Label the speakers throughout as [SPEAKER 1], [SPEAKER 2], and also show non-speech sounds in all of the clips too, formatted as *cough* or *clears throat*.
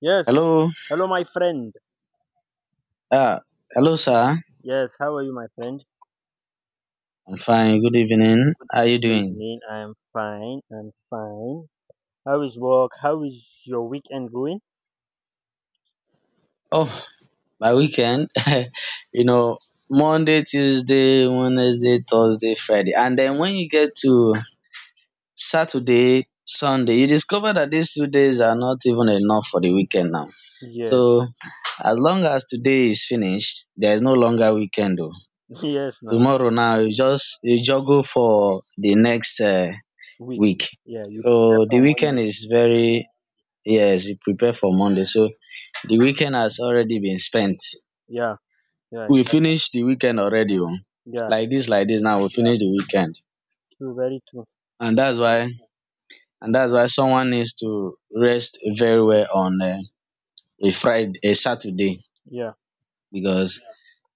[SPEAKER 1] Yes.
[SPEAKER 2] Hello.
[SPEAKER 1] Hello, my friend.
[SPEAKER 2] Ah, hello, sir.
[SPEAKER 1] Yes. How are you, my friend?
[SPEAKER 2] I'm fine. Good evening. How are you
[SPEAKER 1] Good
[SPEAKER 2] doing?
[SPEAKER 1] evening. I'm fine. I'm fine. How is work? How is your weekend going?
[SPEAKER 2] Oh, my weekend. *laughs* You know, Monday, Tuesday, Wednesday, Thursday, Friday. And then when you get to Saturday, Sunday, you discover that these 2 days are not even enough for the weekend now.
[SPEAKER 1] Yes.
[SPEAKER 2] So as long as today is finished, there is no longer weekend though.
[SPEAKER 1] *laughs* Yes. Now
[SPEAKER 2] Tomorrow now you just you juggle for the next
[SPEAKER 1] week.
[SPEAKER 2] week.
[SPEAKER 1] Yeah. You prepare
[SPEAKER 2] So the
[SPEAKER 1] for Monday.
[SPEAKER 2] weekend is very. Yes, we prepare for Monday. So the weekend has already been spent.
[SPEAKER 1] Yeah. Yeah.
[SPEAKER 2] We
[SPEAKER 1] Exactly.
[SPEAKER 2] finished the weekend already. Oh.
[SPEAKER 1] Yeah.
[SPEAKER 2] Like this, like this. Now we finish the weekend,
[SPEAKER 1] True. Very true.
[SPEAKER 2] and that's why, and that's why someone needs to rest very well on a Friday, a Saturday,
[SPEAKER 1] Yeah.
[SPEAKER 2] because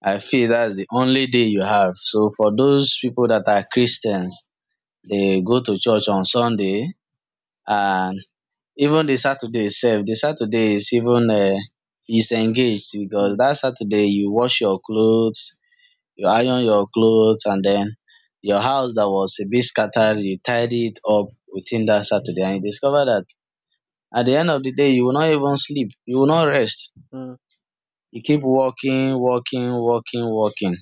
[SPEAKER 2] I feel that's the only day you have. So for those people that are Christians, they go to church on Sunday and even the saturday itself, the Saturday is engaged because
[SPEAKER 1] Mm,
[SPEAKER 2] that saturday you wash your clothes, you iron your clothes, and then your house that was a bit scattered you tidy it up within that saturday, and you discover that at the end of the day you will not even sleep, you will not rest,
[SPEAKER 1] mm.
[SPEAKER 2] you keep walking, walking, walking, walking,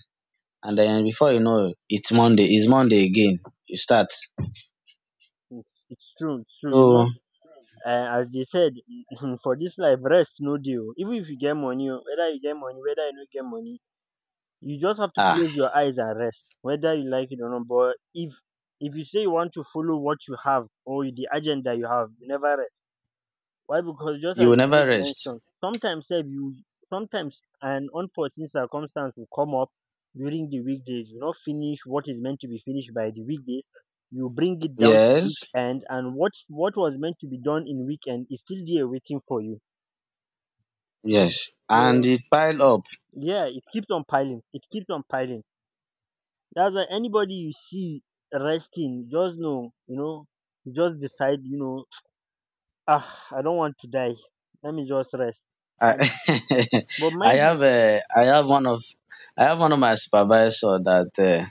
[SPEAKER 2] and then before you know it, it's Monday again you start.
[SPEAKER 1] It's true. It's true.
[SPEAKER 2] So
[SPEAKER 1] As they said, *laughs* for this life, rest no deal. Even if you get money, oh, whether you get money, whether you no get money, you just have to
[SPEAKER 2] ah,
[SPEAKER 1] close your eyes and rest whether you like it or not. But if you say you want to follow what you have or the agenda you have, you never rest. Why? Because just
[SPEAKER 2] you
[SPEAKER 1] as
[SPEAKER 2] will
[SPEAKER 1] you
[SPEAKER 2] never
[SPEAKER 1] made
[SPEAKER 2] rest.
[SPEAKER 1] mention, sometimes sef you sometimes an unforeseen circumstance will come up during the weekdays. You not finish what is meant to be finished by the weekdays, you bring it down to
[SPEAKER 2] Yes,
[SPEAKER 1] weekend, and what was meant to be done in weekend is still there waiting for you.
[SPEAKER 2] yes, and
[SPEAKER 1] So
[SPEAKER 2] it pile up.
[SPEAKER 1] yeah, it keeps on piling, it keeps on piling. That's why anybody you see resting, just know, you just decide, ah, I don't want to die. Let me just rest. And
[SPEAKER 2] I
[SPEAKER 1] but
[SPEAKER 2] *laughs* I
[SPEAKER 1] mind you,
[SPEAKER 2] have a I have one of I have one of my supervisor that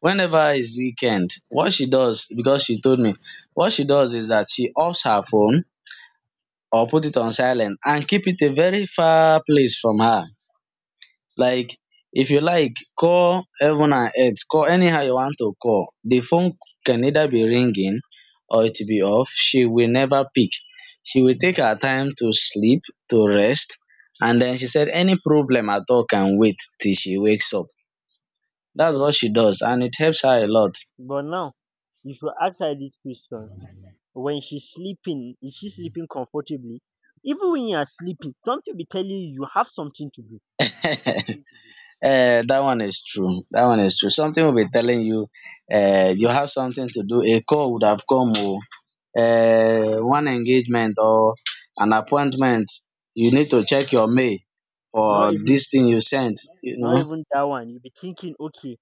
[SPEAKER 2] whenever it's weekend, what she does, because she told me what she does is that she offs her phone or put it on silent and keep it a very far place from her. Like, if you like call heaven and earth, call anyhow you want to call, the phone can either be ringing or it will be off. She will never pick. She will take her time to sleep, to rest. And then she said any problem at all can wait till she wakes up. That's
[SPEAKER 1] uh,
[SPEAKER 2] what she does and it helps her a lot.
[SPEAKER 1] but now, if you ask her this question, when she's sleeping, is she sleeping comfortably? Even when you are sleeping, something will be telling you you have something to do.
[SPEAKER 2] That one is true. Something will be telling you, you have something to do. A call would have come oo, one engagement or an appointment, you need to check your mail
[SPEAKER 1] Not
[SPEAKER 2] for
[SPEAKER 1] even
[SPEAKER 2] this thing you sent. You
[SPEAKER 1] Not
[SPEAKER 2] know,
[SPEAKER 1] even that one. You'll be thinking, okay,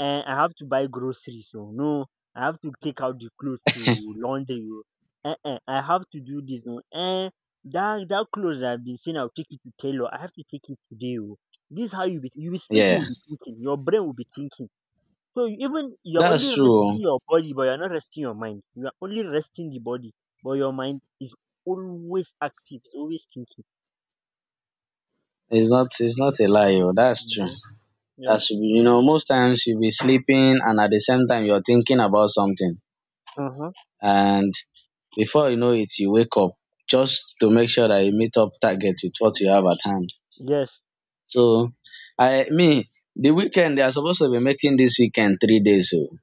[SPEAKER 1] eh, I have to buy groceries. So no, I have to take out the clothes to laundry. Oh. Eh, eh, I have to do this. Oh. Eh, that clothes that I've been saying I'll take it to tailor, I have to take it today. Oh. This is how you be. You be sleeping.
[SPEAKER 2] yeah,
[SPEAKER 1] You be thinking. Your brain will be thinking. So you even you're only
[SPEAKER 2] that's true.
[SPEAKER 1] resting
[SPEAKER 2] Oh.
[SPEAKER 1] your body, but you're not resting your mind. You are only resting the body, but your mind is always active. It's always thinking.
[SPEAKER 2] It's not. It's not a lie. Oh, that's true.
[SPEAKER 1] Mhm. Yeah.
[SPEAKER 2] That's, you know, most times you'll be sleeping and at the same time you're thinking about something,
[SPEAKER 1] Uh huh.
[SPEAKER 2] and before you know it, you wake up just to make sure that you meet up target with what you have at hand.
[SPEAKER 1] Yes.
[SPEAKER 2] So, I me the weekend they are supposed to be making this weekend 3 days. Oh,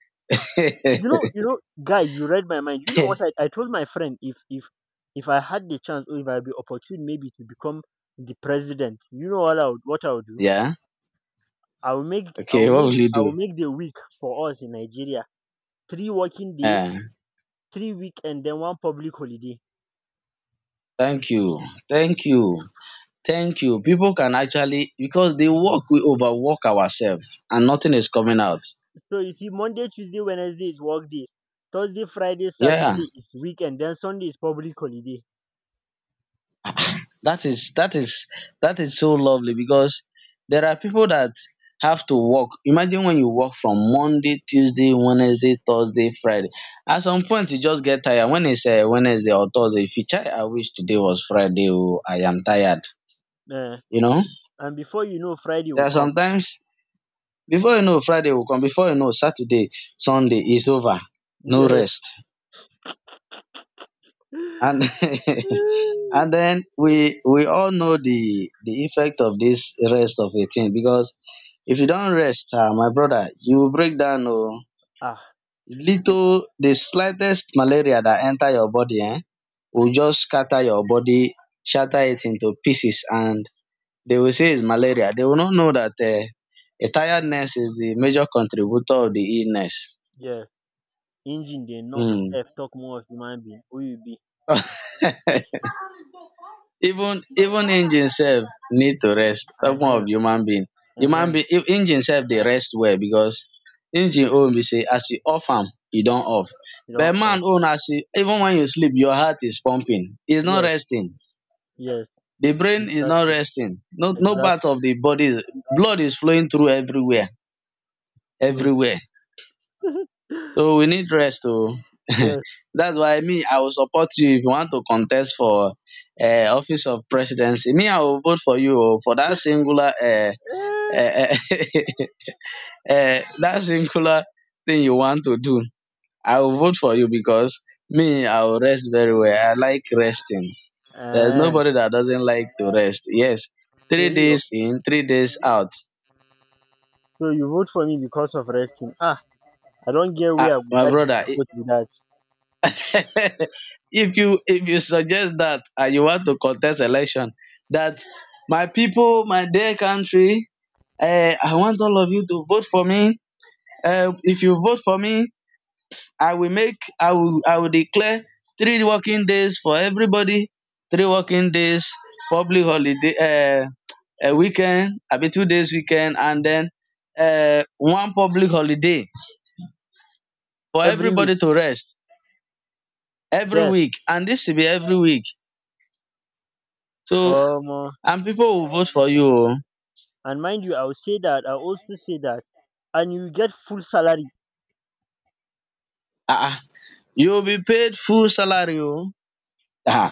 [SPEAKER 1] You know, guy, you read my mind. You know what I told my friend. If if I had the chance, or if I be opportune maybe to become the president, you know what I would
[SPEAKER 2] *laughs*
[SPEAKER 1] do?
[SPEAKER 2] yeah.
[SPEAKER 1] I will make I
[SPEAKER 2] Okay,
[SPEAKER 1] will
[SPEAKER 2] what
[SPEAKER 1] make
[SPEAKER 2] will you
[SPEAKER 1] I will
[SPEAKER 2] do?
[SPEAKER 1] make the week for us in Nigeria. Three working days,
[SPEAKER 2] Eh,
[SPEAKER 1] 3 week, and then one public holiday.
[SPEAKER 2] thank you. Thank you. Thank you. People can actually, because they work, we overwork ourselves and nothing is coming out.
[SPEAKER 1] So you see, Monday, Tuesday, Wednesday is work days. Thursday, Friday,
[SPEAKER 2] Yeah,
[SPEAKER 1] Saturday is week, and then Sunday is public holiday.
[SPEAKER 2] that is, that is, that is so lovely because there are people that have to work. Imagine when you work from Monday, Tuesday, Wednesday, Thursday, Friday. At some point, you just get tired. When it's Wednesday or Thursday, if you try, I wish today was Friday. Oh, I am tired.
[SPEAKER 1] Uh,
[SPEAKER 2] You know,
[SPEAKER 1] and before you know, Friday
[SPEAKER 2] there
[SPEAKER 1] will
[SPEAKER 2] are
[SPEAKER 1] come. *laughs*
[SPEAKER 2] sometimes before you know, Friday will come. Before you know, Saturday, Sunday is over. No
[SPEAKER 1] Yes.
[SPEAKER 2] rest. And *laughs* and
[SPEAKER 1] *laughs*
[SPEAKER 2] then we all know the effect of this rest of a thing, because if you don't rest, ah, my brother, you will break down. Oh,
[SPEAKER 1] Ah,
[SPEAKER 2] little the slightest malaria that enter your body, eh, will just scatter your body, shatter it into pieces, and they will say it's malaria. They will not know that a tiredness is the major contributor of the illness.
[SPEAKER 1] yeah. Engine dey knock
[SPEAKER 2] Hmm.
[SPEAKER 1] sef talk more of human being who you be.
[SPEAKER 2] Even engine sef need to rest. Talk more
[SPEAKER 1] Ehen,
[SPEAKER 2] of human being. Human
[SPEAKER 1] ehen,
[SPEAKER 2] being, if engine sef dey rest well, because engine own be sey as you off am, e don off.
[SPEAKER 1] you don
[SPEAKER 2] But
[SPEAKER 1] off.
[SPEAKER 2] man own, as you even wen you sleep, your heart is pumping, is not
[SPEAKER 1] Yes,
[SPEAKER 2] resting.
[SPEAKER 1] yes,
[SPEAKER 2] The brain is not
[SPEAKER 1] exactly,
[SPEAKER 2] resting. No part
[SPEAKER 1] exactly,
[SPEAKER 2] of the body is, blood is flowing through everywhere,
[SPEAKER 1] true.
[SPEAKER 2] everywhere. So
[SPEAKER 1] *laughs*
[SPEAKER 2] we need rest oh.
[SPEAKER 1] Yes.
[SPEAKER 2] *laughs* Dats why me I will support you if you want to contest for office of presidency. Me I will vote for you oh, for dat singular dat *laughs* singular thing you want to do. I will vote for you because me I will rest very well. I like resting. There's
[SPEAKER 1] um
[SPEAKER 2] nobody dat doesn't like to rest. Yes,
[SPEAKER 1] so
[SPEAKER 2] three
[SPEAKER 1] you
[SPEAKER 2] days in, 3 days out.
[SPEAKER 1] so you vote for me because of resting. Ah, I don't get where I go
[SPEAKER 2] My
[SPEAKER 1] buy pipu
[SPEAKER 2] brother,
[SPEAKER 1] vote be that
[SPEAKER 2] *laughs* if you suggest that and you want to contest election that, my people, my dear country, eh, I want all of you to vote for me. Eh, if you vote for me, I will make I will declare 3 working days for everybody, 3 working days, public holiday eh, a weekend, abi 2 days weekend and then eh, 1 public holiday for
[SPEAKER 1] every week.
[SPEAKER 2] everybody to rest every
[SPEAKER 1] Yes.
[SPEAKER 2] week, and this will be every week. So
[SPEAKER 1] um
[SPEAKER 2] and people will vote for you o.
[SPEAKER 1] and mind you, I also say that and you get full salary.
[SPEAKER 2] Ah ah, you will be paid full salary o. Ah, ah.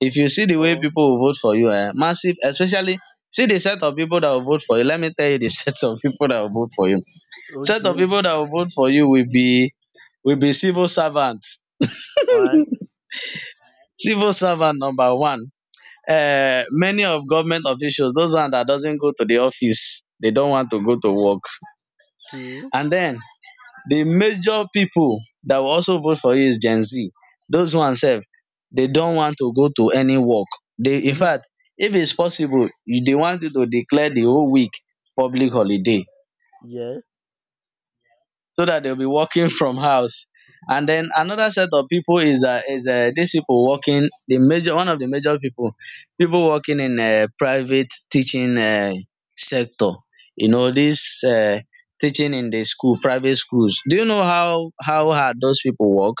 [SPEAKER 2] If you see the way
[SPEAKER 1] Oh,
[SPEAKER 2] people will vote for you, massive, especially see the set of people that will vote for you. Let me tell you the *laughs* set of people that will vote for you. Set of
[SPEAKER 1] okay.
[SPEAKER 2] people that will vote for you will be, will be civil servant.
[SPEAKER 1] one
[SPEAKER 2] Civil servant number one. Many of government officials, those one that doesn't go to the office, they don't want to go to work.
[SPEAKER 1] two
[SPEAKER 2] And then the major pipu dat will also vote for you is Gen Z. Dos one sef, de don want to go to any work. De
[SPEAKER 1] *laughs*
[SPEAKER 2] infact, if it's possible, de want you to declare the whole week public holiday.
[SPEAKER 1] Yes,
[SPEAKER 2] So that they'll be working *laughs* from house. And then another set of people is that is these people working, the major one of the major people working in private teaching sector. You know this teaching in the school, private schools. Do you know how hard those people work?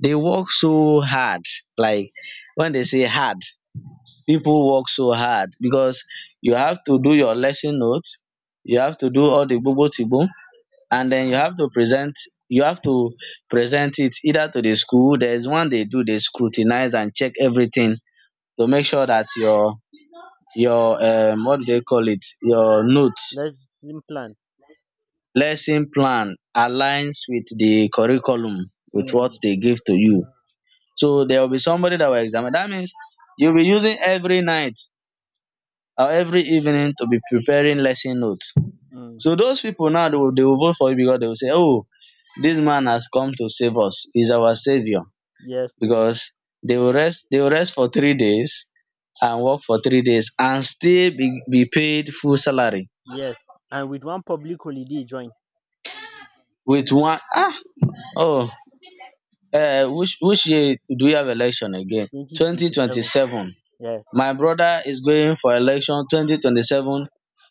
[SPEAKER 2] They work so hard. Like, when they say hard, people work so hard because you have to do your lesson notes. You have to do all the bobo, and then you have to present, you have to present it either to the school. There is one they do, they scrutinize and check everything to make sure that your what do they call it, your notes,
[SPEAKER 1] let's plan.
[SPEAKER 2] lesson plan, aligns with the curriculum with what
[SPEAKER 1] um
[SPEAKER 2] they give to you. So there will be somebody that will examine. That means you'll be using every night or every evening to be preparing lesson notes.
[SPEAKER 1] um
[SPEAKER 2] So those pipu now, dey will they will vote for you, because dey will say, "Oh, dis man has come to save us, he is our saviour",
[SPEAKER 1] Yes. Oh,
[SPEAKER 2] because dey will rest, dey will rest for 3 days and work for 3 days and still be paid full salary
[SPEAKER 1] yes. And with one public holiday join,
[SPEAKER 2] with one oh, which year do we have election again? Twenty twenty
[SPEAKER 1] 2027.
[SPEAKER 2] seven
[SPEAKER 1] Yes.
[SPEAKER 2] My brother is going for election 2027,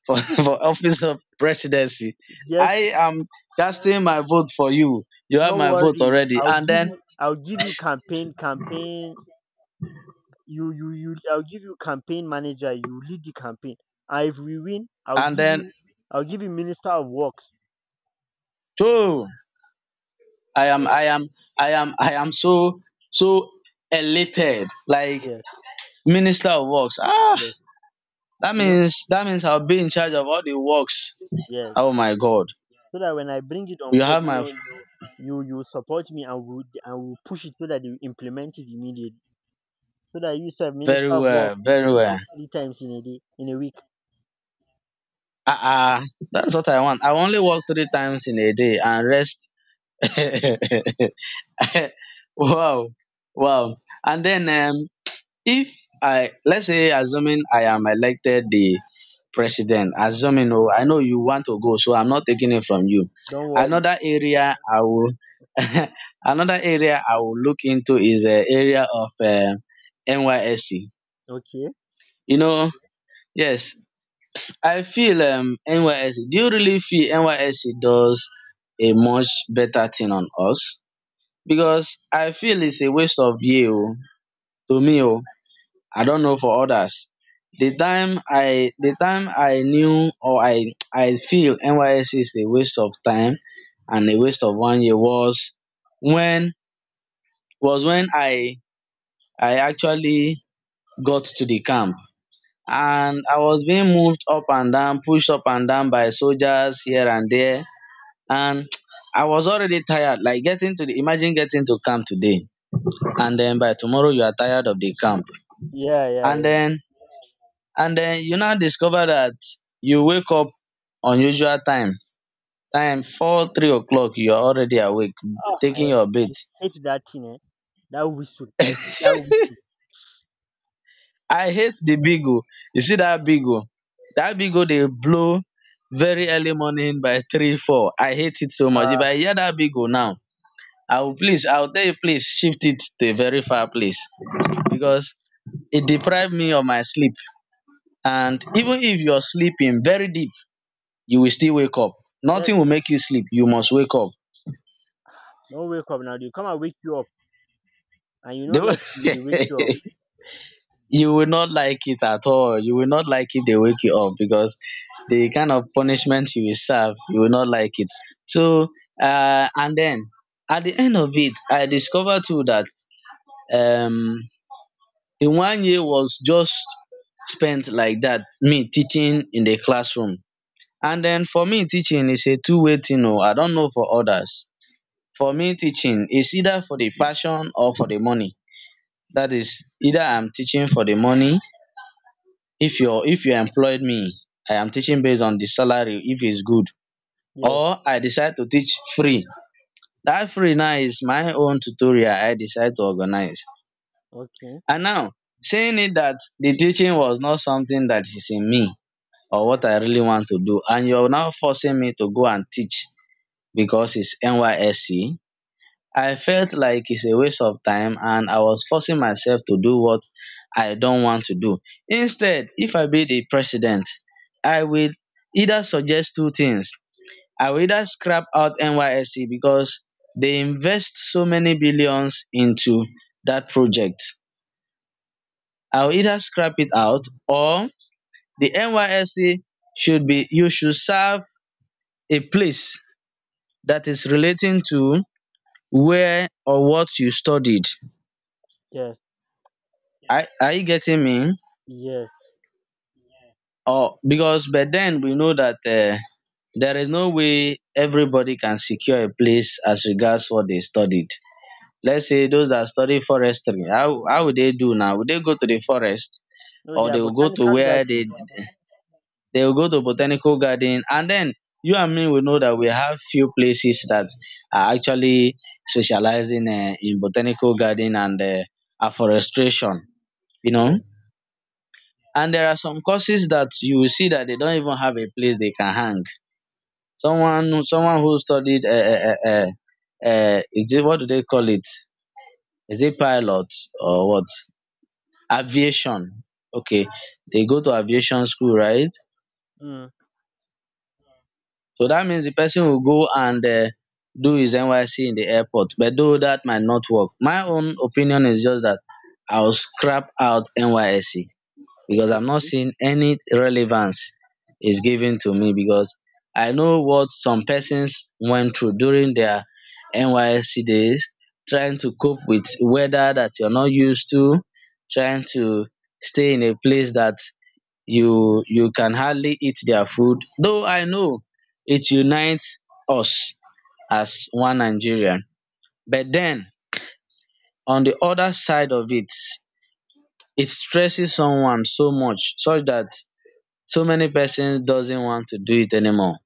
[SPEAKER 2] for, *laughs* for office of presidency.
[SPEAKER 1] Yes,
[SPEAKER 2] I am casting my vote for you. You have
[SPEAKER 1] no
[SPEAKER 2] my vote
[SPEAKER 1] worry.
[SPEAKER 2] already.
[SPEAKER 1] I'll
[SPEAKER 2] And
[SPEAKER 1] give
[SPEAKER 2] then,
[SPEAKER 1] you campaign. You you you I'll give you campaign manager, you lead the campaign. And if we win, I'll
[SPEAKER 2] and
[SPEAKER 1] give
[SPEAKER 2] then,
[SPEAKER 1] you I'll give you minister of works.
[SPEAKER 2] too, I am, I am, I am so, so elated. Like,
[SPEAKER 1] Yes,
[SPEAKER 2] minister of works. Ah,
[SPEAKER 1] yes.
[SPEAKER 2] that
[SPEAKER 1] You know?
[SPEAKER 2] means, that means I'll be in charge of all the works.
[SPEAKER 1] Yes.
[SPEAKER 2] Oh my God.
[SPEAKER 1] So that when I bring it on
[SPEAKER 2] You
[SPEAKER 1] board,
[SPEAKER 2] have
[SPEAKER 1] you
[SPEAKER 2] my
[SPEAKER 1] know,
[SPEAKER 2] f-
[SPEAKER 1] you support me, and we push it so that you implement it immediately. So that you serve minister
[SPEAKER 2] Very
[SPEAKER 1] of work,
[SPEAKER 2] well, very well.
[SPEAKER 1] work three times in a day, in a week.
[SPEAKER 2] Ah ah, that's what I want. I only work 3 times in a day and rest. *laughs* Wow, wow. And then if I, let's say, assuming I am elected the president, assuming oh, I know you want to go, so I'm not taking it from you.
[SPEAKER 1] Don't worry.
[SPEAKER 2] Another area I will, *laughs* another area I will look into is the area of NYSC.
[SPEAKER 1] Okay.
[SPEAKER 2] You know, yes, I feel NYSC, do you really feel NYSC does a much better thing on us? Because I feel it's a waste of year oh, to me oh. I don't know for others. The time I knew or I feel NYSC is a waste of time and a waste of one year when was when I actually got to the camp and I was being moved up and down, pushed up and down by soldiers here and there and *tsk* I was already tired like getting to the imagine getting to camp today,
[SPEAKER 1] Yeah.
[SPEAKER 2] and then by tomorrow you are tired of the camp,
[SPEAKER 1] Yeah, yeah,
[SPEAKER 2] and
[SPEAKER 1] yeah.
[SPEAKER 2] then and then you now discover that you wake up unusual time, four three o'clock you are already awake
[SPEAKER 1] Ah,
[SPEAKER 2] taking your
[SPEAKER 1] I
[SPEAKER 2] bath.
[SPEAKER 1] hate that thing, eh. That whistle. I hate that whistle.
[SPEAKER 2] I hate the big, you see that big o dey blow very early morning by three four. I hate it so much. If
[SPEAKER 1] Uh,
[SPEAKER 2] I hear that big now, I will, tell you, please shift it to a very far place because it deprived me of my sleep. And even if you're sleeping very deep, you will still wake up.
[SPEAKER 1] yes.
[SPEAKER 2] Nothing will make you sleep. You must wake up.
[SPEAKER 1] Don't wake up now. They come and wake you up, and you
[SPEAKER 2] They
[SPEAKER 1] don't
[SPEAKER 2] will-
[SPEAKER 1] like when they wake you up.
[SPEAKER 2] *laughs* You will not like it at all. You will not like if they wake you up because the kind of punishment you will serve, you will not like it. So, and then at the end of it, I discovered too that um, the one year was just spent like that, me teaching in the classroom. And then for me, teaching is a two-way thing oh. I don't know for others. For me, teaching is either for the passion or for the money. That is, either I'm teaching for the money. If you employed me, I am teaching based on the salary if it's good.
[SPEAKER 1] Yes.
[SPEAKER 2] Or I decide to teach free. That free now is my own tutorial I decide to organize.
[SPEAKER 1] Okay.
[SPEAKER 2] And now, saying it that the teaching was not something that is in me or what I really want to do, and you're now forcing me to go and teach because it's NYSC. I felt like it's a waste of time and I was forcing myself to do what I don't want to do. Instead, if I be the president, I will either suggest two things. I will either scrap out NYSC because they invest so many billions into that project. I will either scrap it out, or the NYSC should be you should serve a place that is relating to where or what you studied.
[SPEAKER 1] Yes.
[SPEAKER 2] Are you getting me?
[SPEAKER 1] Yes.
[SPEAKER 2] Or because by then we know that there is no way everybody can secure a place as regards what they studied. Let's say those that study forestry, how would they do now? Would they go to the forest,
[SPEAKER 1] No, they
[SPEAKER 2] or
[SPEAKER 1] are
[SPEAKER 2] they will go to
[SPEAKER 1] botanical
[SPEAKER 2] where they
[SPEAKER 1] garden now.
[SPEAKER 2] they will go to botanical garden. And then you and me will know that we have few places that are actually specializing in botanical garden and afforestation, you know.
[SPEAKER 1] Yes.
[SPEAKER 2] And there are some courses that you will see that they don't even have a place they can hang. Someone who studied is it, what do they call it? Is it pilot or what? Aviation. Okay. They go to aviation school, right?
[SPEAKER 1] Mm.
[SPEAKER 2] So that means the person will go and do his NYSC in the airport, but though that might not work. My own opinion is just that I will scrap out NYSC because I'm not
[SPEAKER 1] Okay.
[SPEAKER 2] seeing any relevance is given to me, because I know what some persons went through during their NYSC days, trying to cope with weather that you're not used to, trying to stay in a place that you can hardly eat their food. Though I know it unites us as one Nigerian, but then on the other side of it, it stresses someone so much such that so many persons doesn't want to do it anymore.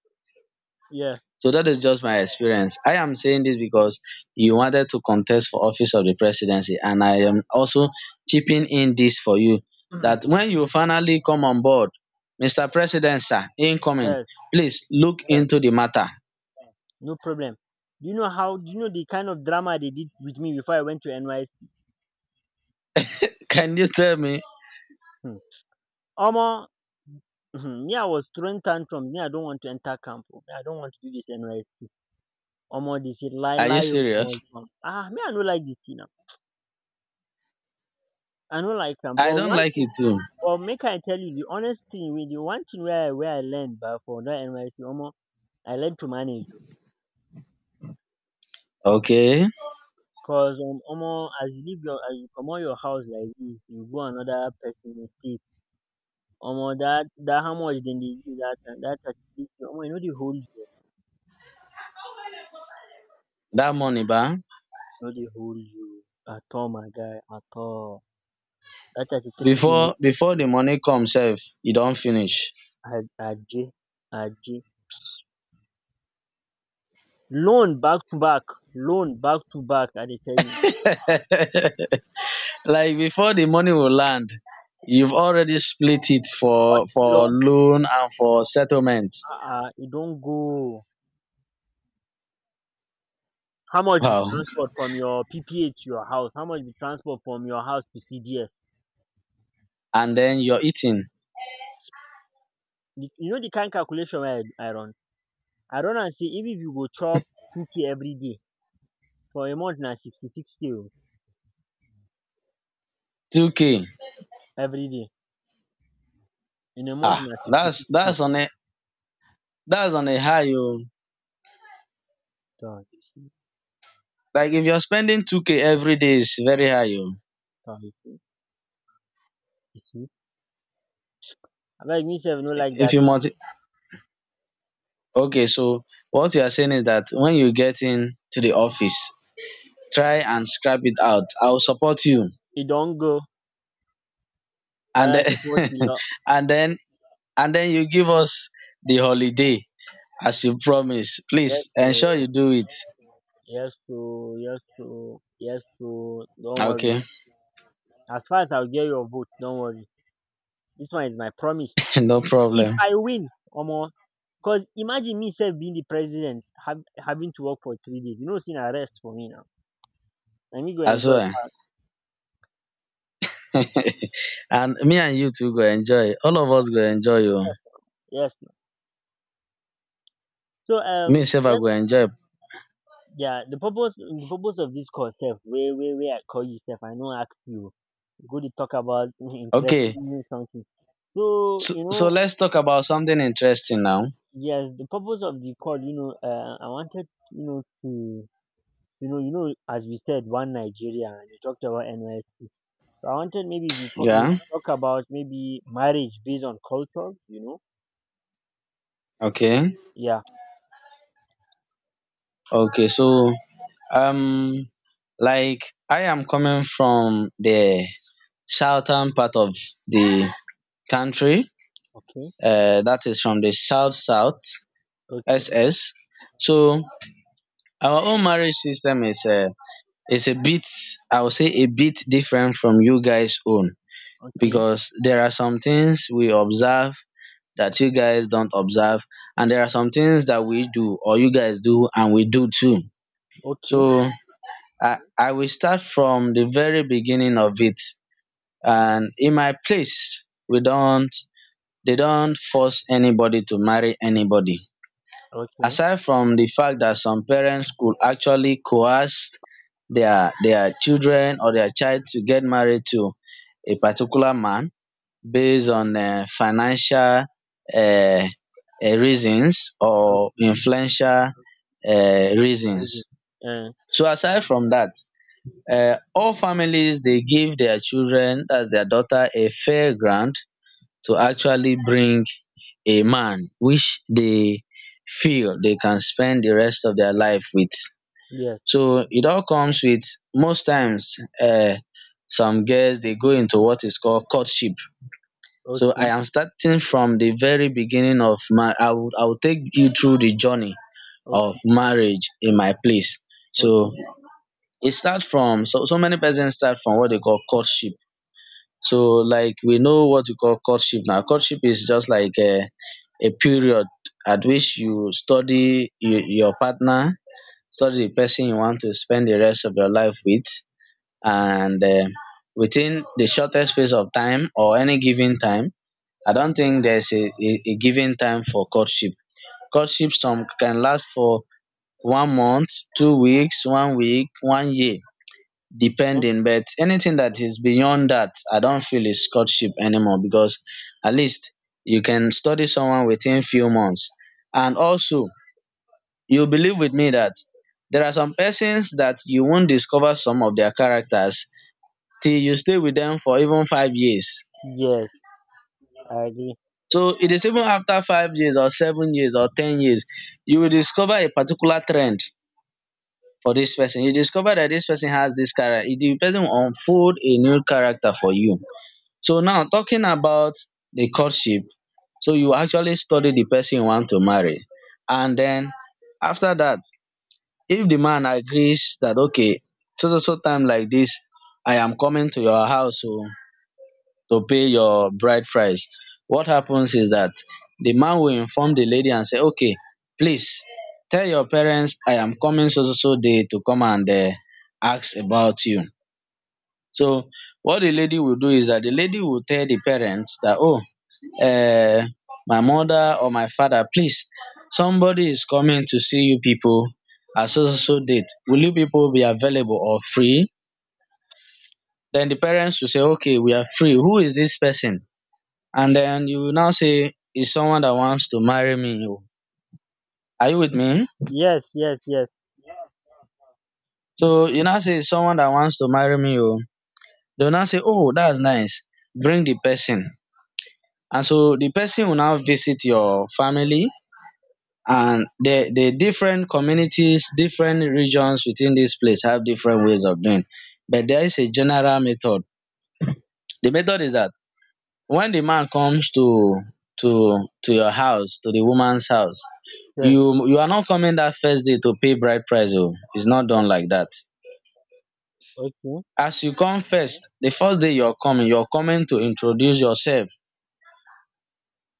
[SPEAKER 1] Yeah.
[SPEAKER 2] So that is just my experience. I am saying this because you wanted to contest for office of the presidency and I am also chipping in this for you, that
[SPEAKER 1] *clears throat*
[SPEAKER 2] when you finally come on board, Mr. President, sir, incoming,
[SPEAKER 1] Yes.
[SPEAKER 2] please look
[SPEAKER 1] Yes.
[SPEAKER 2] into the matter.
[SPEAKER 1] No problem. Do you know how? Do you know the kind of drama they did with me before I went to NYC?
[SPEAKER 2] *laughs* Can you tell me?
[SPEAKER 1] Hmm. Omo, *clears throat* *laughs* me I was throwing tantrum. Me I don't want to enter camp. Oh. Me I don't want to do this NYC. Omo dey shit lie
[SPEAKER 2] Are you
[SPEAKER 1] lie o, omo dis
[SPEAKER 2] serious?
[SPEAKER 1] one, ah, me I no like dis thing now. I no like am,
[SPEAKER 2] I
[SPEAKER 1] but
[SPEAKER 2] don't
[SPEAKER 1] one
[SPEAKER 2] like
[SPEAKER 1] thing,
[SPEAKER 2] it too.
[SPEAKER 1] but make I tell you de honest thing wey dey. One thing wey I learn bah for dat NYSC, omo, I learn to manage, oo.
[SPEAKER 2] Okay.
[SPEAKER 1] Cause um, omo, as you leave your, as you comot your house like dis, you go another person state. Omo, dat how much dem dey give dat time? Dat 33K, omo, e no dey hold you, oo.
[SPEAKER 2] That money ba,
[SPEAKER 1] E no dey hold you o at all, my guy, at all. Dat 33K no
[SPEAKER 2] before
[SPEAKER 1] dey hold
[SPEAKER 2] before
[SPEAKER 1] you.
[SPEAKER 2] the money come sef e don finish.
[SPEAKER 1] Aje, aje. Loan back to back, loan back to back, I dey tell you.
[SPEAKER 2] Like before the money will land, you've already split it for
[SPEAKER 1] Auto
[SPEAKER 2] for
[SPEAKER 1] loan.
[SPEAKER 2] loan and for settlement.
[SPEAKER 1] Ah, um, e don go. How much be
[SPEAKER 2] Wow.
[SPEAKER 1] transport from your PPA to your house? How much be transport from your house to CDF?
[SPEAKER 2] And then you're eating
[SPEAKER 1] You you know the kind calculation wey I run? I run am sey, even if you go chop 2K everyday, for a month na 66K
[SPEAKER 2] 2k?
[SPEAKER 1] everyday. In a month
[SPEAKER 2] Ah,
[SPEAKER 1] na sixty six k.
[SPEAKER 2] that's on a high oh.
[SPEAKER 1] Tor, you see,
[SPEAKER 2] Like if you're spending 2k every day is very high oh.
[SPEAKER 1] tor, you see, you see. Abeg, me sef no like
[SPEAKER 2] If
[SPEAKER 1] dat.
[SPEAKER 2] you multi- okay, so what you are saying is that when you get in to the office, try and scrap it out, I'll support you.
[SPEAKER 1] E don go.
[SPEAKER 2] And
[SPEAKER 1] Oya,
[SPEAKER 2] then
[SPEAKER 1] support me
[SPEAKER 2] *laughs*
[SPEAKER 1] lot.
[SPEAKER 2] and then and then you give us the holiday as you promise,
[SPEAKER 1] Yes,
[SPEAKER 2] please ensure
[SPEAKER 1] oo.
[SPEAKER 2] you do it.
[SPEAKER 1] Yes to, yes to, yes to. Don't worry.
[SPEAKER 2] Okay.
[SPEAKER 1] As far as I'll get your vote, don't worry. This one is my promise.
[SPEAKER 2] *laughs* No
[SPEAKER 1] If
[SPEAKER 2] problem.
[SPEAKER 1] I win, omo, cause imagine me self being the president, having to work for 3 days. You know, it's an arrest for me now. Let me go enjoy.
[SPEAKER 2] Aswear.
[SPEAKER 1] Part.
[SPEAKER 2] *laughs* And me and you too go enjoy, all of us go enjoy. You,
[SPEAKER 1] Yes, now. Yes, now. So
[SPEAKER 2] me sef I
[SPEAKER 1] let
[SPEAKER 2] go enjoy.
[SPEAKER 1] yeah. The purpose of this call, self, where I call you, self, I know, ask you. Go to talk about *laughs*
[SPEAKER 2] Okay,
[SPEAKER 1] interesting something. So you know,
[SPEAKER 2] let's talk about something interesting now.
[SPEAKER 1] yes, the purpose of the call, you know, I wanted, you know to you know as we said, one Nigeria, and you talked about NYSC. So I wanted maybe we, co- we
[SPEAKER 2] Yeah.
[SPEAKER 1] could talk about maybe marriage based on culture, you know.
[SPEAKER 2] Okay.
[SPEAKER 1] Yeah.
[SPEAKER 2] Okay. So um like I am coming from the southern part of the country,
[SPEAKER 1] Okay.
[SPEAKER 2] that is from the south south,
[SPEAKER 1] Okay,
[SPEAKER 2] SS. So our own marriage system is a bit, I would say a bit different from you guys own,
[SPEAKER 1] okay,
[SPEAKER 2] because there are some things we observe that you guys don't observe, and there are some things that we do or you guys do and we do too. So
[SPEAKER 1] okay,
[SPEAKER 2] I will start from the very beginning of it, and in my place we don't they don't force anybody to marry anybody,
[SPEAKER 1] okay,
[SPEAKER 2] aside from the fact that some parents could actually coerce their children or their child to get married to a particular man based on financial, um reasons, or
[SPEAKER 1] okay,
[SPEAKER 2] influential,
[SPEAKER 1] okay,
[SPEAKER 2] reasons.
[SPEAKER 1] Uh,
[SPEAKER 2] So aside from dat, all families dey give their children, dats their daughter, a fair ground to actually bring a man which they feel they can spend the rest of their life with.
[SPEAKER 1] yes.
[SPEAKER 2] So it all comes with, most times, um some girls they go into what is called courtship. So I
[SPEAKER 1] Okay,
[SPEAKER 2] am starting from the very beginning of my I will take you through the journey of
[SPEAKER 1] okay,
[SPEAKER 2] marriage in my place.
[SPEAKER 1] okay.
[SPEAKER 2] So it starts from, so many persons start from what they call courtship. So like we know what we call courtship now. Courtship is just like a period at which you study your partner, study the person you want to spend the rest of your life with, and within the shortest space of time or any given time, I don't think there's a given time for courtship. Courtship, some can last for one month, 2 weeks, one week, one year
[SPEAKER 1] Uh,
[SPEAKER 2] depending, but anything that is beyond that I don't feel is courtship anymore, because at least you can study someone within few months. And also, you believe with me that there are some persons that you won't discover some of their characters till you stay with them for even 5 years.
[SPEAKER 1] yes, I agree.
[SPEAKER 2] So it is even after 5 years, or 7 years, or 10 years, you will discover a particular trend for this person. You discover that this person has this character, the person will unfold a new character for you. So now talking about the courtship, so you actually study the person you want to marry. And then after that, if the man agrees that, okay, so so so time like this, I am coming to your house oh, to pay your bride price. What happens is that the man will inform the lady and say, okay, please tell your parents I am coming so so so day to come and, ask about you. So what the lady will do is that the lady will tell the parents that, oh, uh, my mother or my father, please, somebody is coming to see you people at so so so date, will you people be available or free? Then the parents will say, okay, we are free, who is this person? And then you will now say, it's someone that wants to marry me o. Are you with me?
[SPEAKER 1] Yes, yes, yes,
[SPEAKER 2] So you now say, it's someone that wants to marry me oh, they will now say, oh, that's nice, bring the person. And so the person will now visit your family. And the different communities, different regions within this place have different ways of doing, but there is a general method. The method is that when the man comes to your house, to the woman's house,
[SPEAKER 1] yes.
[SPEAKER 2] you are not coming that first day to pay bride price oh, it's not done like that.
[SPEAKER 1] Okay.
[SPEAKER 2] As you come first, the first day you're coming, you're coming to introduce yourself.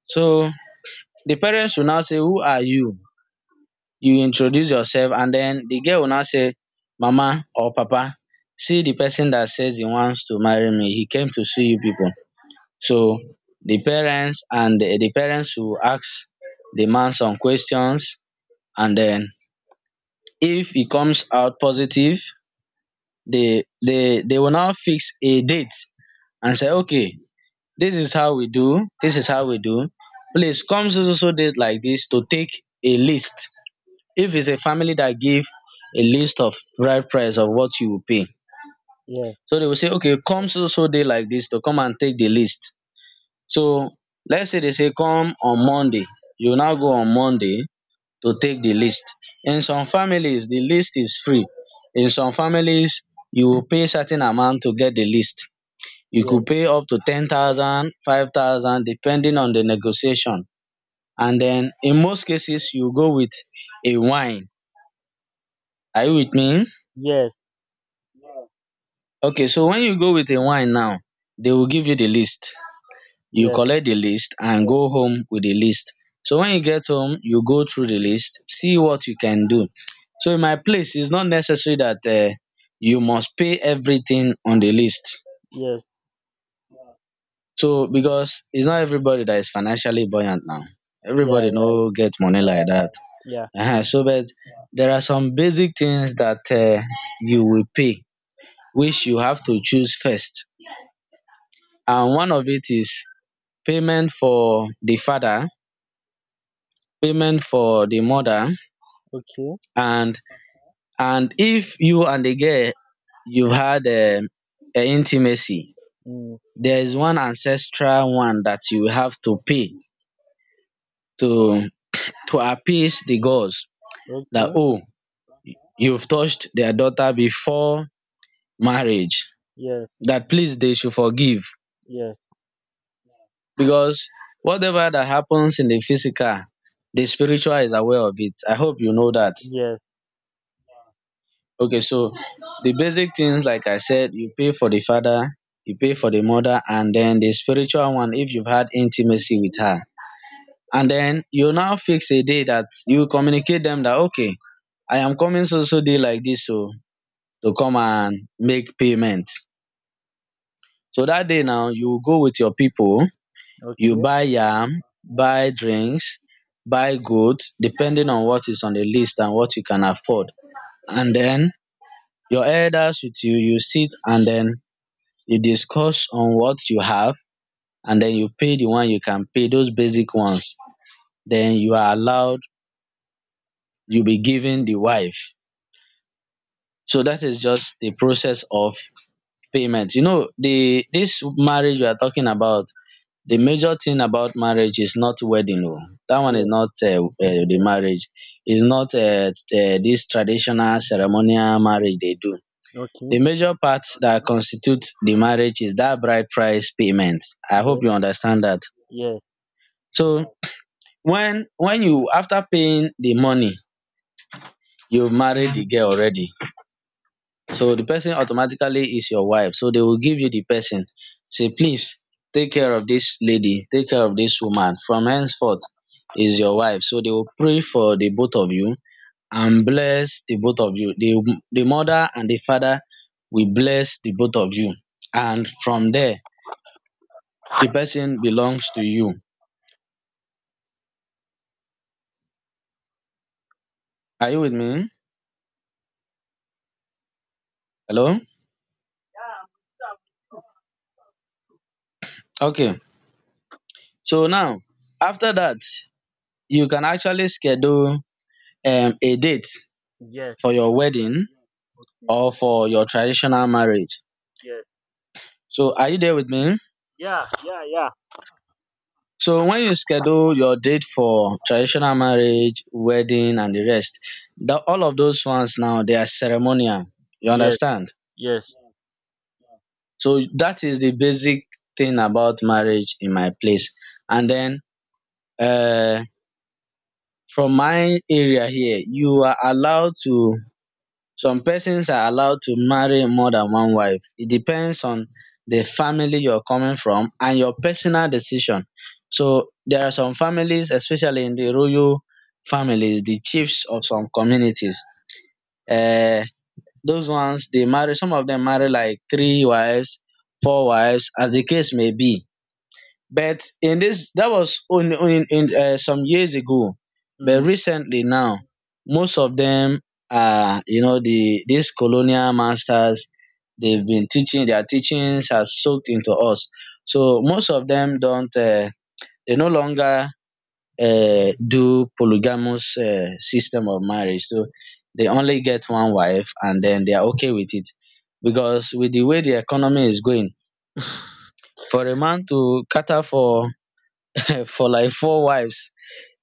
[SPEAKER 2] So the parents will now say, who are you? You introduce yourself, and then the girl will now say, mama or papa, see the person that says he wants to marry me, he came to see you people. So the parents, and the parents will ask the man some questions, and then if e comes out positive, they will now fix a date and say, okay, this is how we do, this is how we do, please come so so so date like this to take a list, if it's a family that give a list of right price of what you will pay.
[SPEAKER 1] Yes,
[SPEAKER 2] So they will say, okay, come so so day like this to come and take the list. So let's say they say come on Monday, you now go on Monday to take the list. In some families, the list is free. In some families, you will pay certain amount to get the list. You
[SPEAKER 1] yes,
[SPEAKER 2] could pay up to 10,000, 5,000, depending on the negotiation. And then in most cases, you go with a wine. Are you with me?
[SPEAKER 1] yes,
[SPEAKER 2] Okay, so when you go with a wine now, they will give you the list. You
[SPEAKER 1] yes,
[SPEAKER 2] collect the list and go home with the list. So when you get home, you go through the list, see what you can do. So in my place, it's not necessary that you must pay everything on the list.
[SPEAKER 1] yes.
[SPEAKER 2] So because it's not everybody that is financially buoyant now.
[SPEAKER 1] Yeah,
[SPEAKER 2] Everybody no get money like that.
[SPEAKER 1] yeah.
[SPEAKER 2] So but there are some basic things that you will pay, which you have to choose first. And one of it is payment for the father, payment for the mother.
[SPEAKER 1] Okay.
[SPEAKER 2] And and if you and the girl, you had intimacy,
[SPEAKER 1] Mm.
[SPEAKER 2] there is one ancestral one that you have to pay to to appease the gods, that,
[SPEAKER 1] Okay.
[SPEAKER 2] oh, you've touched their daughter before marriage,
[SPEAKER 1] Yes.
[SPEAKER 2] that please they should forgive,
[SPEAKER 1] Yes.
[SPEAKER 2] because whatever that happens in the physical, the spiritual is aware of it. I hope you know that.
[SPEAKER 1] Yes.
[SPEAKER 2] Okay, so the basic things, like I said, you pay for the father, you pay for the mother, and then the spiritual one if you've had intimacy with her. And then you now fix a day that you communicate them that okay, I am coming so so day like this, so to come and make payment. So that day now you will go with your people, you
[SPEAKER 1] Okay.
[SPEAKER 2] buy yam, buy drinks, buy goods, depending on what is on the list and what you can afford. And then your elders with you, you sit and then you discuss on what you have, and then you pay the one you can pay, those basic ones, then you are allowed, you'll be given the wife. So that is just the process of payment. You know, the this marriage we are talking about, the major thing about marriage is not wedding, oh, that one is
[SPEAKER 1] Yes.
[SPEAKER 2] not the marriage, is
[SPEAKER 1] Yes.
[SPEAKER 2] not this traditional ceremonial marriage they do.
[SPEAKER 1] Okay.
[SPEAKER 2] The major part that constitutes the marriage is that bride price payment. I hope
[SPEAKER 1] Yes.
[SPEAKER 2] you understand that.
[SPEAKER 1] Yes.
[SPEAKER 2] So when you after paying the money, you have married the girl already, so the person automatically is your wife. So they will give you the person, say please, take care of this lady, take care of this woman from henceforth. Is your wife. So they will pray for the both of you and bless the both of you. The mother and the father will bless the both of you, and from there, the person belongs to you. Are you with me? Hello? Okay, so now after that, you can actually schedule a date
[SPEAKER 1] Yes.
[SPEAKER 2] for your wedding or for your traditional marriage.
[SPEAKER 1] Yes.
[SPEAKER 2] So, are you there with me?
[SPEAKER 1] Yeah. Yeah. Yeah.
[SPEAKER 2] So, when you schedule your date for traditional marriage, wedding, and the rest, all of those ones now they are ceremonial. You
[SPEAKER 1] Yes.
[SPEAKER 2] understand?
[SPEAKER 1] Yes.
[SPEAKER 2] So, that is the basic thing about marriage in my place. And then, uh, from my area here, you are allowed to, some persons are allowed to marry more than one wife. It depends on the family you're coming from and your personal decision. So there are some families, especially in the royal families, the chiefs of some communities, um those ones they marry, some of them marry like three wives, four wives, as the case may be. But in this, that was in some years ago. But
[SPEAKER 1] Mm.
[SPEAKER 2] recently now, most of them are, you know, these colonial masters, they've been teaching, their teachings has soaked into us. So most of them don't they no longer do polygamous system of marriage. So they only get one wife and then they are okay with it, because with the way the economy is going,
[SPEAKER 1] *laughs*
[SPEAKER 2] for a man to cater for like four wives,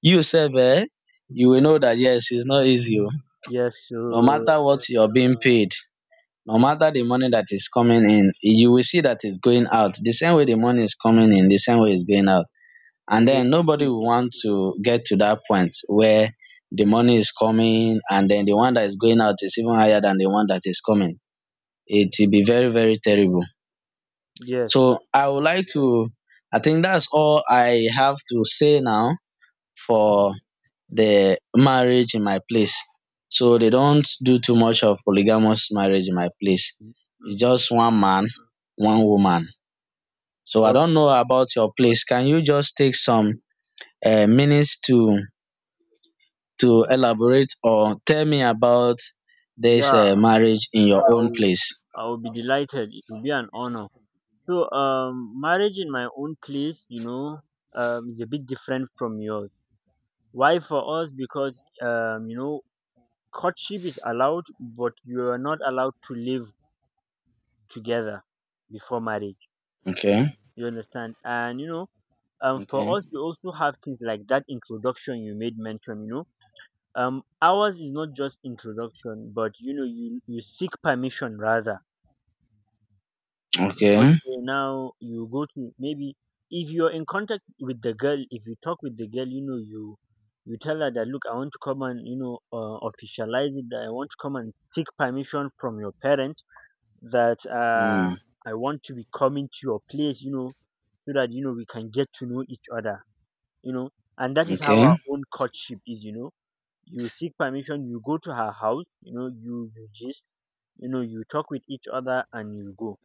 [SPEAKER 2] you sef, you will know that yes, it's not easy, oh.
[SPEAKER 1] Yes.
[SPEAKER 2] No
[SPEAKER 1] So
[SPEAKER 2] matter what you're being paid, no matter the money that is coming in, you will see that it's going out. The same way the money is coming in, the same way it's going out.
[SPEAKER 1] it
[SPEAKER 2] And
[SPEAKER 1] was
[SPEAKER 2] then nobody will
[SPEAKER 1] sushi.
[SPEAKER 2] want to get to that point where the money is coming and then the one that is going out is even higher than the one that is coming. It will be very, very terrible.
[SPEAKER 1] Yes.
[SPEAKER 2] So I would like to, I think that's all I have to say now for the marriage in my place. So they don't do too much of polygamous marriage in my place.
[SPEAKER 1] Mm.
[SPEAKER 2] It's just one man, one woman. So I
[SPEAKER 1] Okay.
[SPEAKER 2] don't know about your place. Can you just take some minutes to elaborate or tell me about this
[SPEAKER 1] Yeah.
[SPEAKER 2] marriage in your
[SPEAKER 1] I
[SPEAKER 2] own
[SPEAKER 1] will.
[SPEAKER 2] place?
[SPEAKER 1] I will be delighted. It will be an honor. So marriage in my own place, you know, is a bit different from yours. Why? For us, because you know, courtship is allowed, but you are not allowed to live together before marriage,
[SPEAKER 2] Okay,
[SPEAKER 1] you understand. And you know, um, for
[SPEAKER 2] okay,
[SPEAKER 1] us we also have things like that introduction you made mention, you know. Um, ours is not just introduction, but you know, you seek permission rather.
[SPEAKER 2] okay,
[SPEAKER 1] Okay, now you go to, maybe if you're in contact with the girl, if you talk with the girl, you know, you tell her that look, I want to come, and you know, officialize it, that I want to come and seek permission from your parents, that
[SPEAKER 2] mm,
[SPEAKER 1] I want to be coming to your place, you know, so that you know, we can get to know each other, you know. And that is how our
[SPEAKER 2] okay.
[SPEAKER 1] own courtship is, you know. You seek permission, you go to her house, you know, you just you know, you talk with each other and you go.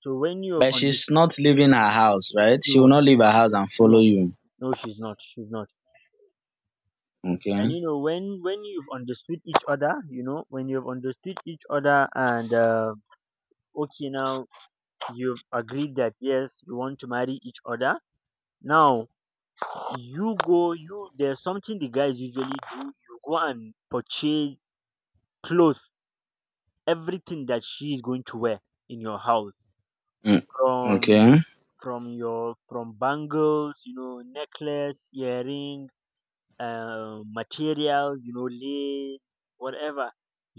[SPEAKER 1] So when you have
[SPEAKER 2] But
[SPEAKER 1] understood,
[SPEAKER 2] she's not leaving her house, right? She will
[SPEAKER 1] no,
[SPEAKER 2] not leave her house and follow
[SPEAKER 1] no,
[SPEAKER 2] you.
[SPEAKER 1] no, she's not, she's not. And
[SPEAKER 2] Okay,
[SPEAKER 1] you know, when you've understood each other, you know, when you've understood each other, and okay, now you've agreed that yes, you want to marry each other. Now you go, you, there's something the guys usually do. You go and purchase clothes, everything that she is going to wear in your house,
[SPEAKER 2] mm,
[SPEAKER 1] from
[SPEAKER 2] okay,
[SPEAKER 1] from your, from bangles, you know, necklace, earring, materials, you know, lace, whatever.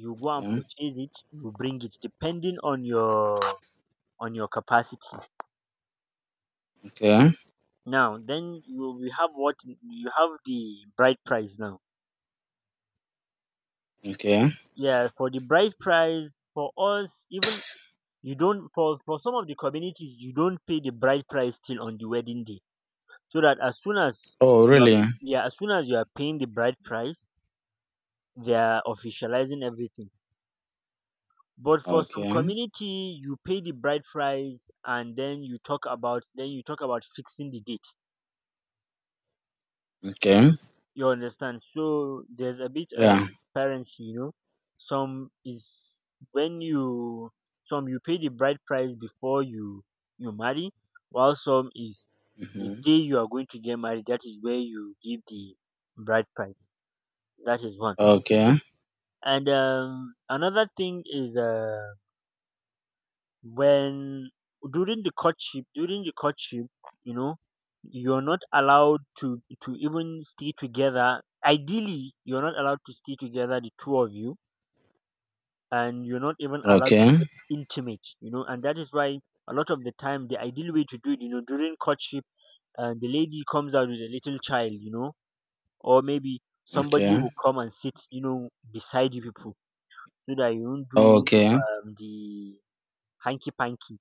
[SPEAKER 1] You go and
[SPEAKER 2] okay.
[SPEAKER 1] purchase it, you bring it, depending on your, on your capacity.
[SPEAKER 2] Okay.
[SPEAKER 1] Now then, you, we have what you have, the bride price now.
[SPEAKER 2] Okay.
[SPEAKER 1] Yeah, for the bride price, for us, even you don't, for some of the communities, you don't pay the bride price till on the wedding day. So that as soon as
[SPEAKER 2] Oh,
[SPEAKER 1] you are,
[SPEAKER 2] really?
[SPEAKER 1] yeah, as soon as you are paying the bride price, they are officializing everything. But for some
[SPEAKER 2] Okay.
[SPEAKER 1] community, you pay the bride price, and then you talk about, then you talk about fixing the date.
[SPEAKER 2] Okay.
[SPEAKER 1] You understand? So there's a bit of
[SPEAKER 2] Yeah.
[SPEAKER 1] transparency, you know. Some is when you some you pay the bride price before you marry, while some is the
[SPEAKER 2] Hmm.
[SPEAKER 1] day you are going to get married. That is where you give the bride price. That is one.
[SPEAKER 2] Okay.
[SPEAKER 1] And another thing is when during the courtship, you know you're not allowed to even stay together. Ideally, you're not allowed to stay together, the two of you, and you're not even allowed to get
[SPEAKER 2] Okay.
[SPEAKER 1] intimate, and that is why a lot of the time, the ideal way to do it, during courtship, and the lady comes out with a little child, or maybe somebody
[SPEAKER 2] Okay.
[SPEAKER 1] will come and sit, beside you people, so that you don't do,
[SPEAKER 2] Okay.
[SPEAKER 1] the hanky panky.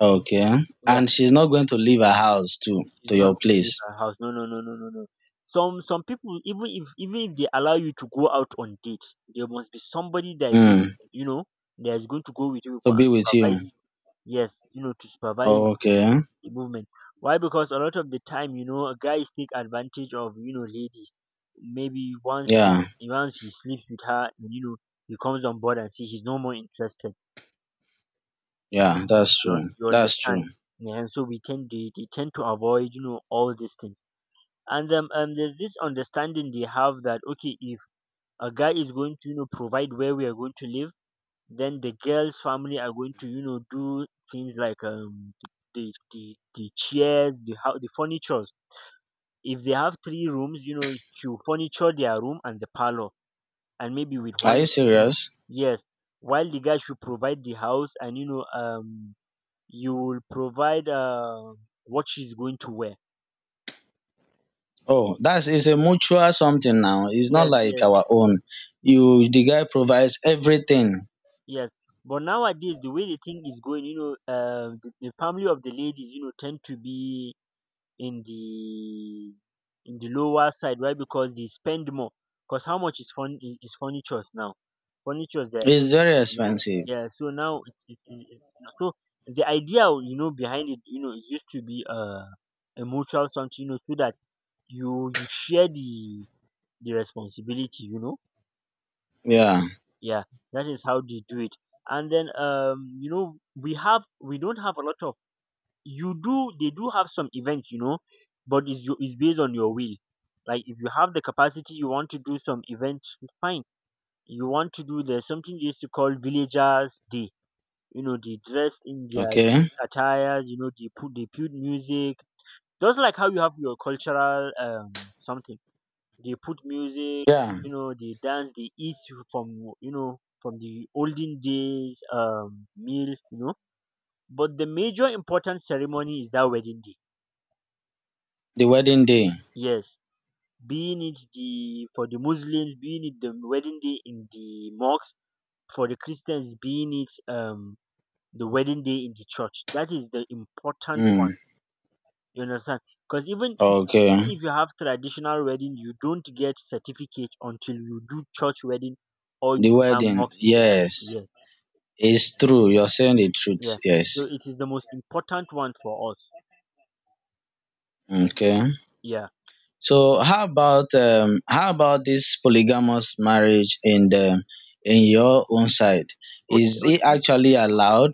[SPEAKER 2] Okay.
[SPEAKER 1] Yeah.
[SPEAKER 2] And she's not going to leave her house to
[SPEAKER 1] It's
[SPEAKER 2] to
[SPEAKER 1] not
[SPEAKER 2] your
[SPEAKER 1] going to leave
[SPEAKER 2] place.
[SPEAKER 1] her house. No, no, no, no, no, no. Some people, even if they allow you to go out on dates, there must be somebody that is going
[SPEAKER 2] Mm.
[SPEAKER 1] to, that is going to go with you
[SPEAKER 2] To
[SPEAKER 1] people and
[SPEAKER 2] be with
[SPEAKER 1] supervise
[SPEAKER 2] you.
[SPEAKER 1] you. Yes, to supervise
[SPEAKER 2] Oh,
[SPEAKER 1] the,
[SPEAKER 2] okay.
[SPEAKER 1] the movement. Why? Because a lot of the time, guys take advantage of ladies. Maybe once he
[SPEAKER 2] Yeah.
[SPEAKER 1] once he sleeps with her, and he comes on board and see he's no more interested.
[SPEAKER 2] Yeah. That's
[SPEAKER 1] You,
[SPEAKER 2] true.
[SPEAKER 1] you
[SPEAKER 2] That's
[SPEAKER 1] understand?
[SPEAKER 2] true.
[SPEAKER 1] Yeah. And so we tend they tend to avoid, all these things. And there's this understanding they have that okay, if a guy is going to, provide where we are going to live, then the girl's family are going to, do things like, the chairs, the furnitures. If they have three rooms, you furniture their room and the parlor, and maybe with
[SPEAKER 2] Are
[SPEAKER 1] one
[SPEAKER 2] you
[SPEAKER 1] different.
[SPEAKER 2] serious?
[SPEAKER 1] Yes. While the guy should provide the house, and you will provide what she's going to wear.
[SPEAKER 2] Oh, that's is a mutual something now. It's not
[SPEAKER 1] Yes,
[SPEAKER 2] like
[SPEAKER 1] yes.
[SPEAKER 2] our own. You the guy provides everything.
[SPEAKER 1] Yes. But nowadays, the way the thing is going, the family of the ladies, tend to be in the in the lower side. Why? Because they spend more. Because how much is furniture now? Furniture that,
[SPEAKER 2] It's very
[SPEAKER 1] you know,
[SPEAKER 2] expensive.
[SPEAKER 1] yeah. So now so the idea, behind it, it used to be a mutual something, so that you share the responsibility.
[SPEAKER 2] Yeah.
[SPEAKER 1] Yeah, that is how they do it. And then we don't have a lot of, you do they do have some events, but it's based on your will. Like, if you have the capacity, you want to do some event, fine. You want to do There's something they used to call villagers day, they dress in their
[SPEAKER 2] Okay.
[SPEAKER 1] village attires, they put music. Just like how you have your cultural something. They put music,
[SPEAKER 2] Yeah.
[SPEAKER 1] they dance, they eat from you know from the olden days meals. But the major important ceremony is that wedding day.
[SPEAKER 2] The wedding day.
[SPEAKER 1] Yes. Being it, the for the Muslims, being it the wedding day in the mosque; for the Christians, being it the wedding day in the church. That is the important one.
[SPEAKER 2] Mm.
[SPEAKER 1] You understand? Because even if
[SPEAKER 2] Okay,
[SPEAKER 1] even if you have traditional wedding, you don't get certificate until you do church wedding, or you
[SPEAKER 2] the
[SPEAKER 1] do that
[SPEAKER 2] wedding,
[SPEAKER 1] mosque wedding.
[SPEAKER 2] yes,
[SPEAKER 1] Yes,
[SPEAKER 2] it's true. You're saying the truth,
[SPEAKER 1] yeah.
[SPEAKER 2] yes.
[SPEAKER 1] So it is the most important one for us.
[SPEAKER 2] Okay.
[SPEAKER 1] Yeah.
[SPEAKER 2] So how about this polygamous marriage in your own side?
[SPEAKER 1] Okay,
[SPEAKER 2] Is it
[SPEAKER 1] okay.
[SPEAKER 2] actually allowed?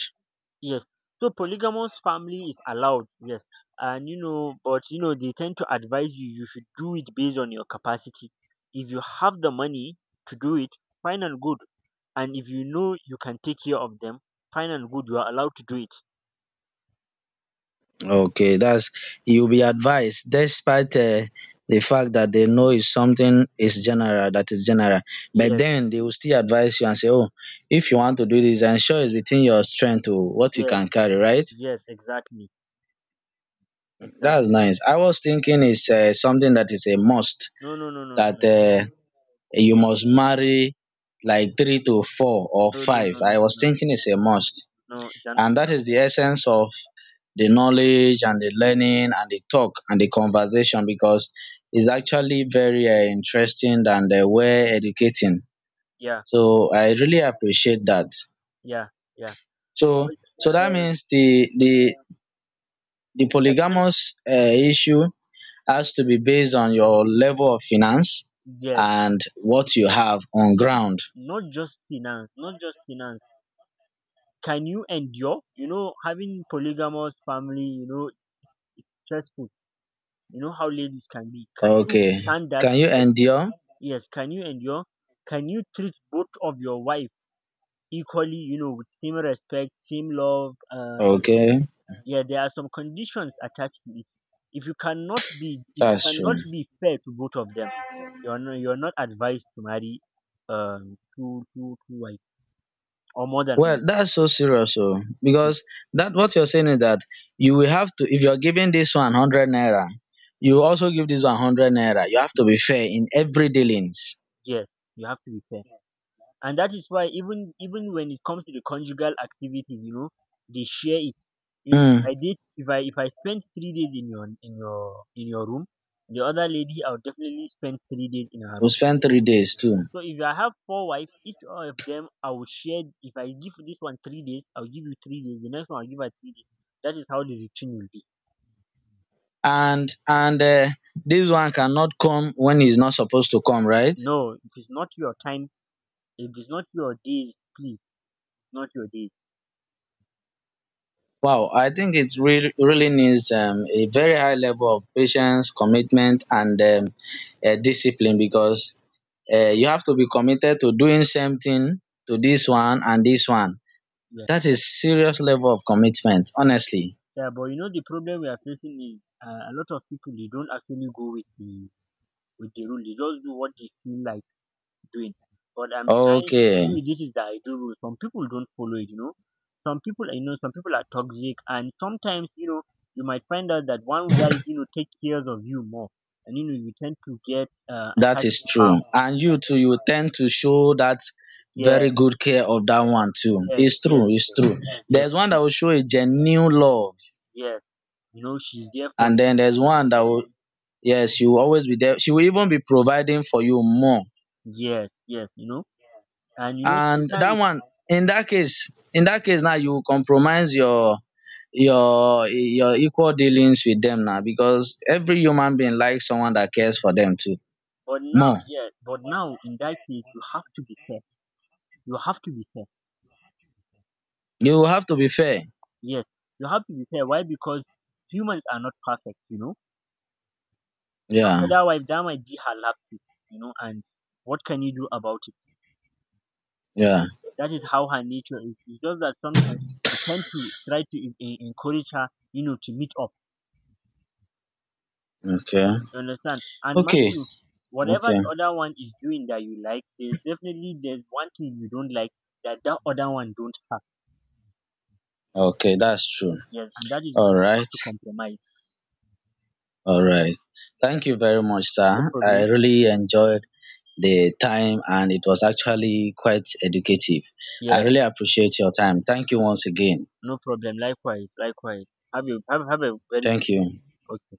[SPEAKER 1] Yes. So polygamous family is allowed, yes. And but, they tend to advise you should do it based on your capacity. If you have the money to do it, fine and good. And if you know you can take care of them, fine and good, you are allowed to do it.
[SPEAKER 2] Okay, that's, you'll be advised despite the fact that they know is something is general, that is general. But
[SPEAKER 1] Yes.
[SPEAKER 2] then they will still advise you and say, oh, if you want to do this, ensure it's within your strength to what you
[SPEAKER 1] Yes,
[SPEAKER 2] can carry, right?
[SPEAKER 1] yes, exactly, exactly.
[SPEAKER 2] That's nice. I was thinking it's something that is a must,
[SPEAKER 1] No, no, no, no,
[SPEAKER 2] that you must marry like three to four or
[SPEAKER 1] no, no,
[SPEAKER 2] five.
[SPEAKER 1] no, no,
[SPEAKER 2] I was
[SPEAKER 1] no.
[SPEAKER 2] thinking it's a must,
[SPEAKER 1] No, it's an
[SPEAKER 2] and
[SPEAKER 1] option.
[SPEAKER 2] that is the essence of the knowledge and the learning and the talk and the conversation, because it's actually very interesting and well educating.
[SPEAKER 1] Yeah,
[SPEAKER 2] So I really appreciate that.
[SPEAKER 1] yeah, yeah.
[SPEAKER 2] So,
[SPEAKER 1] But,
[SPEAKER 2] that
[SPEAKER 1] uh,
[SPEAKER 2] means the
[SPEAKER 1] yes,
[SPEAKER 2] polygamous issue has to be based on your level of finance
[SPEAKER 1] yes,
[SPEAKER 2] and what you have on ground.
[SPEAKER 1] not just finance, not just finance. Can you endure? Having polygamous family, it's stressful. You know how ladies can be. Can you
[SPEAKER 2] Okay.
[SPEAKER 1] withstand that?
[SPEAKER 2] Can you endure?
[SPEAKER 1] Yes. Can you endure? Can you treat both of your wife equally? With same respect, same love.
[SPEAKER 2] Okay.
[SPEAKER 1] Yeah, there are some conditions attached to it. if you cannot be if you
[SPEAKER 2] That's
[SPEAKER 1] cannot
[SPEAKER 2] true.
[SPEAKER 1] be fair to both of them, you're not advised to marry two wives, or more than one.
[SPEAKER 2] Well, that's so serious, oh,
[SPEAKER 1] Yes,
[SPEAKER 2] because that what you're saying is that you will have to, if you're giving this 100 naira, you also give this 100 naira. You have to be fair in every dealings.
[SPEAKER 1] yes. You have to be fair. And that is why even when it comes to the conjugal activities, they share it.
[SPEAKER 2] Hmm.
[SPEAKER 1] If I did if I spend 3 days in your room, the other lady I'll definitely spend 3 days in her.
[SPEAKER 2] You spend 3 days too,
[SPEAKER 1] So if I have four wives, each one of them I will share. If I give this one 3 days, I'll give you 3 days. The next one I'll give her 3 days. That is how the routine will be.
[SPEAKER 2] and this one cannot come when he's not supposed to come, right?
[SPEAKER 1] No, it is not your time. If It is not your days. Please, it's not your days.
[SPEAKER 2] Wow, I think it really, really needs a very high level of patience, commitment, and discipline, because you have to be committed to doing something to this one and this one.
[SPEAKER 1] Yeah,
[SPEAKER 2] That is serious level of commitment, honestly.
[SPEAKER 1] yeah. But the problem we are facing is, a lot of people, they don't actually go with the rule. They just do what they feel like doing. But I'm
[SPEAKER 2] Okay,
[SPEAKER 1] telling you, this is the ideal rule. Some people don't follow it. Some people are toxic, and sometimes, you might find out that one wife takes care of you more, and you tend to get
[SPEAKER 2] that
[SPEAKER 1] attached
[SPEAKER 2] is
[SPEAKER 1] to her.
[SPEAKER 2] true. And you too, you tend to show that
[SPEAKER 1] Yeah,
[SPEAKER 2] very good care of that one too.
[SPEAKER 1] yes,
[SPEAKER 2] It's
[SPEAKER 1] yes,
[SPEAKER 2] true, it's true.
[SPEAKER 1] yes,
[SPEAKER 2] There's one that
[SPEAKER 1] yes,
[SPEAKER 2] will show a genuine love,
[SPEAKER 1] yes. She's there for
[SPEAKER 2] and
[SPEAKER 1] you.
[SPEAKER 2] then there's one that will. Yes, she will always be there. She will even be providing for you more.
[SPEAKER 1] Yes, yes. And you know,
[SPEAKER 2] And that
[SPEAKER 1] sometimes,
[SPEAKER 2] one, in that case now, you will compromise your your equal dealings with them now, because every human being likes someone that cares for them too.
[SPEAKER 1] but now,
[SPEAKER 2] More.
[SPEAKER 1] yes, but now in that case, you have to be fair. You have to be fair.
[SPEAKER 2] You will have to be fair.
[SPEAKER 1] Yes, you have to be fair. Why? Because humans are not perfect,
[SPEAKER 2] Yeah.
[SPEAKER 1] other wife, that might be her laptop, and what can you do about it?
[SPEAKER 2] Yeah.
[SPEAKER 1] That is how her nature is. It's just that sometimes you tend to try to encourage her, to meet up.
[SPEAKER 2] Okay.
[SPEAKER 1] You understand? And mind
[SPEAKER 2] Okay.
[SPEAKER 1] you, whatever
[SPEAKER 2] Okay.
[SPEAKER 1] the other one is doing that you like, there's definitely there's one thing you don't like that that other one don't have.
[SPEAKER 2] Okay. That's true.
[SPEAKER 1] Yes, and that is why
[SPEAKER 2] All
[SPEAKER 1] you
[SPEAKER 2] right.
[SPEAKER 1] have to compromise.
[SPEAKER 2] All right. Thank you very much,
[SPEAKER 1] No
[SPEAKER 2] sir. I
[SPEAKER 1] problem.
[SPEAKER 2] really enjoyed the time and it was actually quite educative. I
[SPEAKER 1] Yes,
[SPEAKER 2] really appreciate your time. Thank you once again.
[SPEAKER 1] no problem. Likewise, likewise. Have you have a very good,
[SPEAKER 2] Thank you.
[SPEAKER 1] okay.